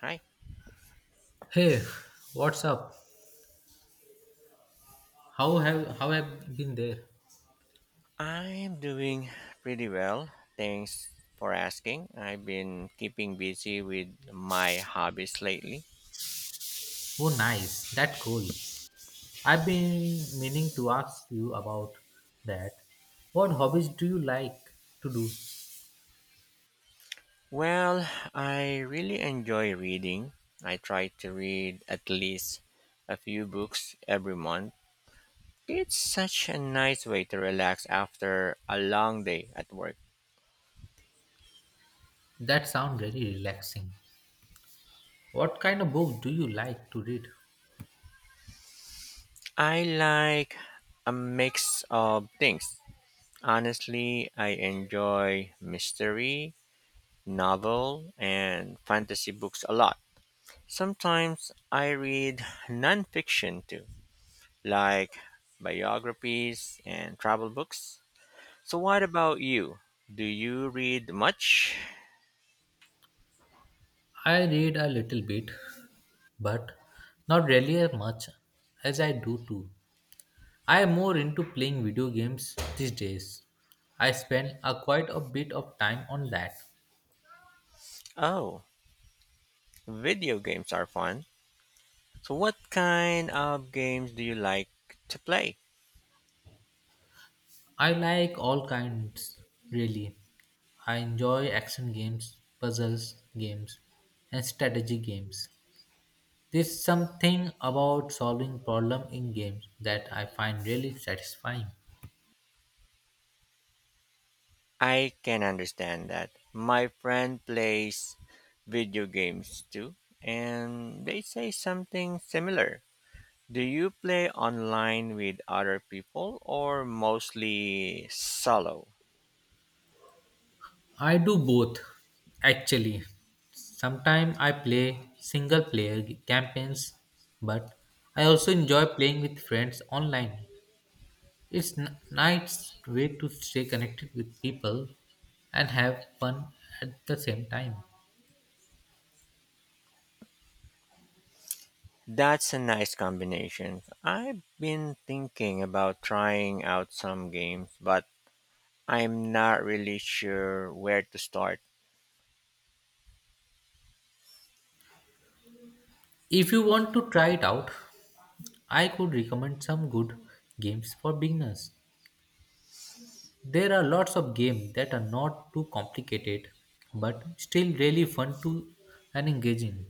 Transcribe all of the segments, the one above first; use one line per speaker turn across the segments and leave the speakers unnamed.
Hi,
Hey, what's up? How have been there?
I'm doing pretty well. Thanks for asking. I've been keeping busy with my hobbies lately.
Oh, nice. That's cool. I've been meaning to ask you about that. What hobbies do you like to do?
Well, I really enjoy reading. I try to read at least a few books every month. It's such a nice way to relax after a long day at work.
That sound very relaxing. What kind of book do you like to read?
I like a mix of things. Honestly, I enjoy mystery, novel and fantasy books a lot. Sometimes I read nonfiction too, like biographies and travel books. So, what about you? Do you read much?
I read a little bit, but not really as much as I do too. I am more into playing video games these days. I spend a quite a bit of time on that.
Oh, video games are fun. So, what kind of games do you like to play?
I like all kinds, really. I enjoy action games, puzzles games, and strategy games. There's something about solving problem in games that I find really satisfying.
I can understand that. My friend plays video games too, and they say something similar. Do you play online with other people or mostly solo?
I do both, actually. Sometimes I play campaigns, but I also enjoy playing with friends online. Nice way to stay connected with people and have fun at the same time.
That's a nice combination. I've been thinking about trying out some games, but I'm not really sure where to start.
If you want to try it out, I could recommend some good games for beginners. There are lots of games that are not too complicated but still really fun to and engaging.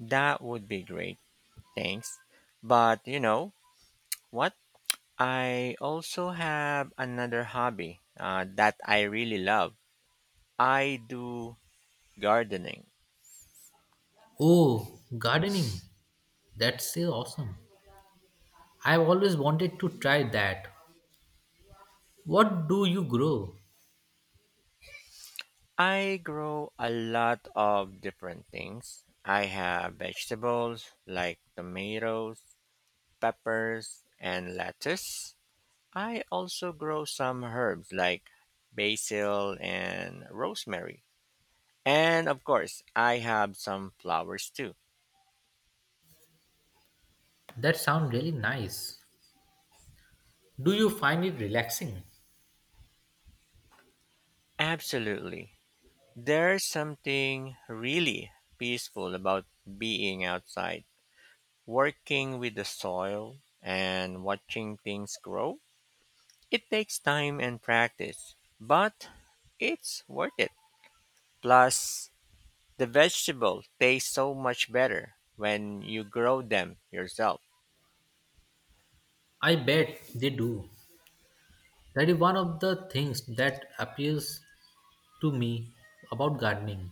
That would be great, thanks. But you know what? I also have another hobby that I really love. I do gardening.
Oh, gardening. That's so awesome. I've always wanted to try that. What do you grow?
I grow a lot of different things. I have vegetables like tomatoes, peppers, and lettuce. I also grow some herbs like basil and rosemary. And of course, I have some flowers too.
That sounds really nice. Do you find it relaxing?
Absolutely. There's something really peaceful about being outside, working with the soil and watching things grow. It takes time and practice, but it's worth it. Plus, the vegetable taste so much better when you grow them yourself.
I bet they do. That is one of the things that appeals to me about gardening.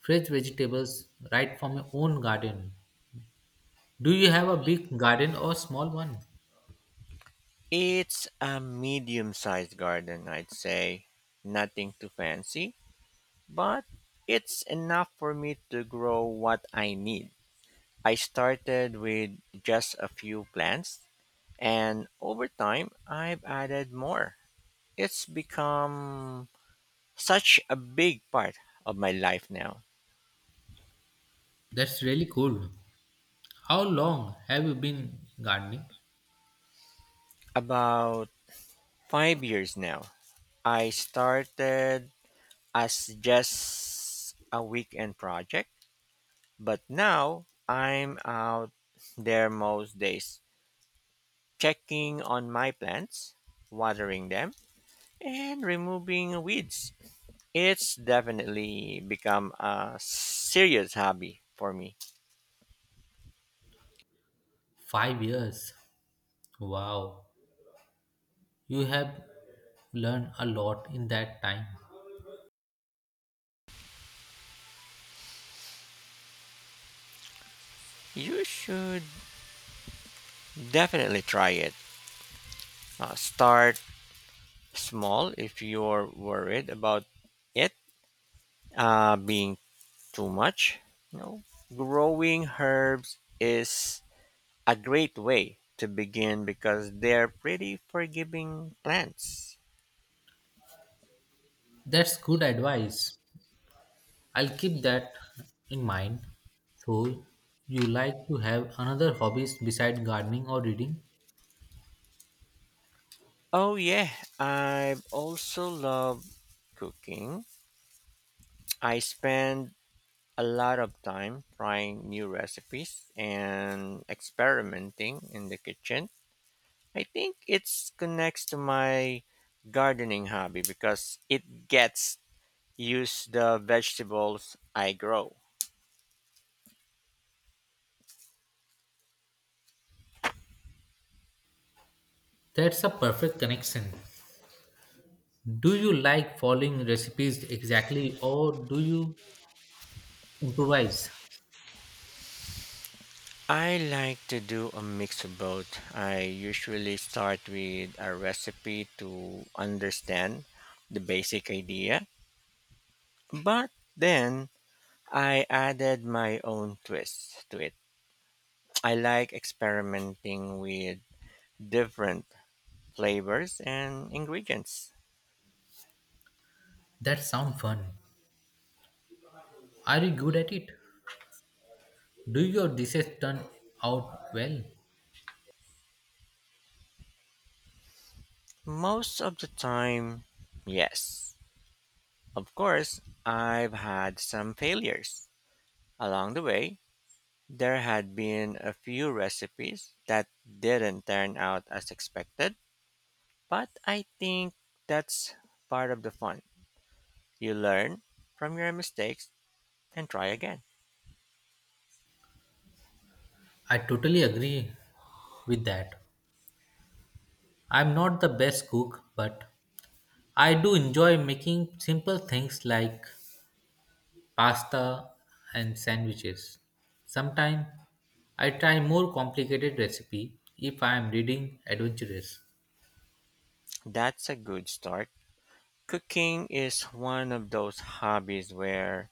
Fresh vegetables right from your own garden. Do you have a big garden or small one?
It's a medium sized garden, I'd say. Nothing too fancy, but it's enough for me to grow what I need. I started with just a few plants, and over time, I've added more. It's become such a big part of my life now.
That's really cool. How long have you been gardening?
About 5 years now. I started as just a weekend project, but now I'm out there most days checking on my plants, watering them, and removing weeds. It's definitely become a serious hobby for me.
5 years. Wow. You have learned a lot in that time.
You should definitely try it. Start small if you're worried about it being too much. You know, growing herbs is a great way to begin because they're pretty forgiving plants.
That's good advice. I'll keep that in mind. So, you like to have another hobbies beside gardening or reading?
Oh yeah, I also love cooking. I spend a lot of time trying new recipes and experimenting in the kitchen. I think it's connects to my gardening hobby because it gets use the vegetables I grow.
That's a perfect connection. Do you like following recipes exactly, or do you improvise?
I like to do a mix of both. I usually start with a recipe to understand the basic idea, but then I added my own twist to it. I like experimenting with different flavors and ingredients.
That sounds fun. Are you good at it? Do your dishes turn out well?
Most of the time, yes. Of course, I've had some failures. Along the way, there had been a few recipes that didn't turn out as expected, but I think that's part of the fun. You learn from your mistakes and try again.
I totally agree with that. I'm not the best cook, but I do enjoy making simple things like pasta and sandwiches. Sometimes I try more complicated recipe if I am reading adventurous.
That's a good start. Cooking is one of those hobbies where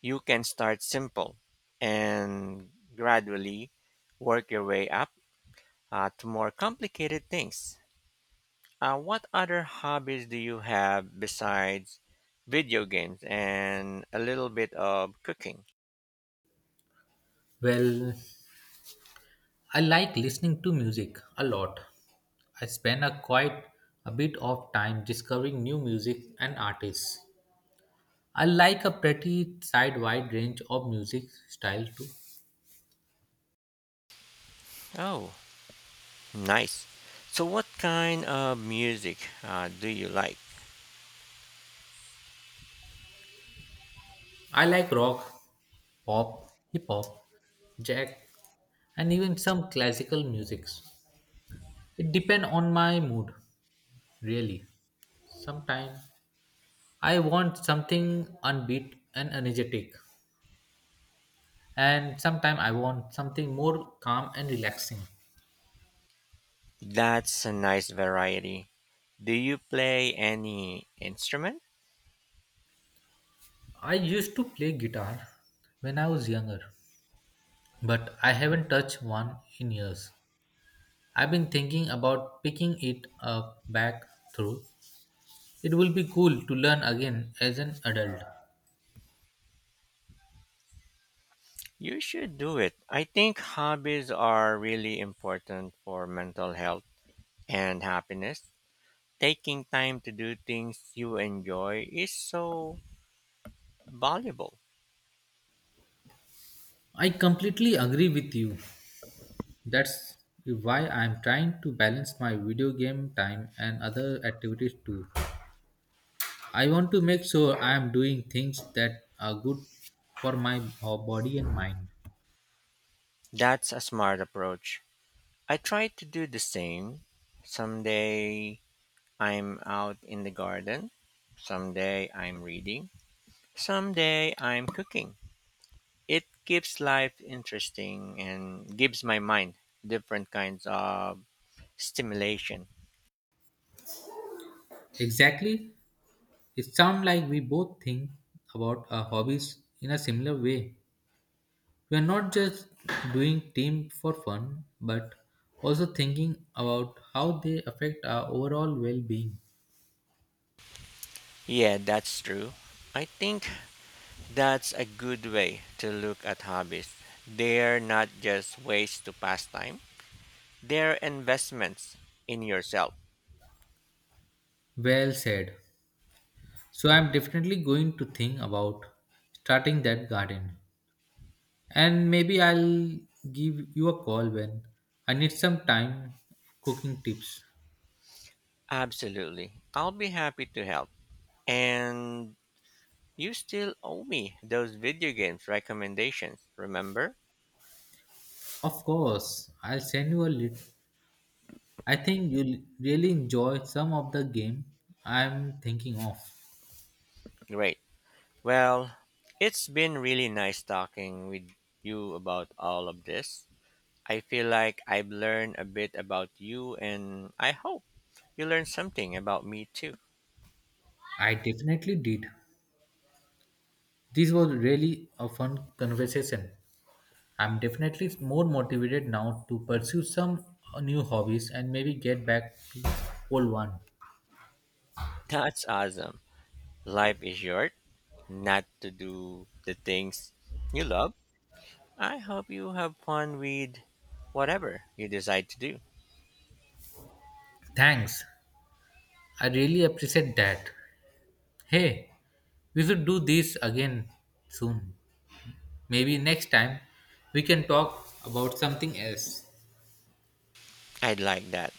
you can start simple and gradually work your way up to more complicated things. What other hobbies do you have besides video games and a little bit of cooking?
Well, I like listening to music a lot. I spend a quite a bit of time discovering new music and artists. I like a pretty side wide range of music style too.
Oh, nice. So, what kind of music do you like?
I like rock, pop, hip hop, jazz, and even some classical musics. It depends on my mood, really. Sometimes I want something upbeat and energetic, and sometimes I want something more calm and relaxing.
That's a nice variety. Do you play any instrument?
I used to play guitar when I was younger, but I haven't touched one in years. I've been thinking about picking it up back through. It will be cool to learn again as an adult.
You should do it. I think hobbies are really important for mental health and happiness. Taking time to do things you enjoy is so valuable.
I completely agree with you. That's why I'm trying to balance my video game time and other activities too. I want to make sure I am doing things that are good for my body and mind.
That's a smart approach. I try to do the same. Someday I'm out in the garden. Someday I'm reading. Someday I'm cooking. It keeps life interesting and gives my mind different kinds of stimulation.
Exactly. It sounds like we both think about our hobbies in a similar way. We are not just doing team for fun, but also thinking about how they affect our overall well-being.
Yeah, that's true. I think that's a good way to look at hobbies. They're not just ways to pass time, they're investments in yourself.
Well said. So I'm definitely going to think about starting that garden. And maybe I'll give you a call when I need some time cooking tips.
Absolutely. I'll be happy to help. And you still owe me those video games recommendations, remember?
Of course, I'll send you a lit- I think you'll really enjoy some of the game I'm thinking of.
Great. Well, it's been really nice talking with you about all of this. I feel like I've learned a bit about you, and I hope you learned something about me too.
I definitely did. This was really a fun conversation. I'm definitely more motivated now to pursue some new hobbies and maybe get back to old one.
That's awesome. Life is short, not to do the things you love. I hope you have fun with whatever you decide to do.
Thanks. I really appreciate that. Hey, we should do this again soon. Maybe next time we can talk about something else.
I'd like that.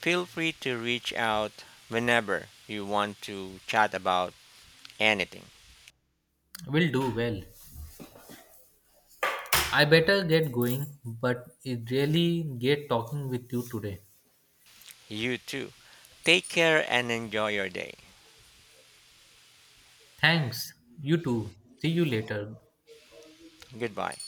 Feel free to reach out whenever you want to chat about anything.
We'll do well. I better get going, but it really great talking with you today.
You too. Take care and enjoy your day.
Thanks. You too. See you later.
Goodbye.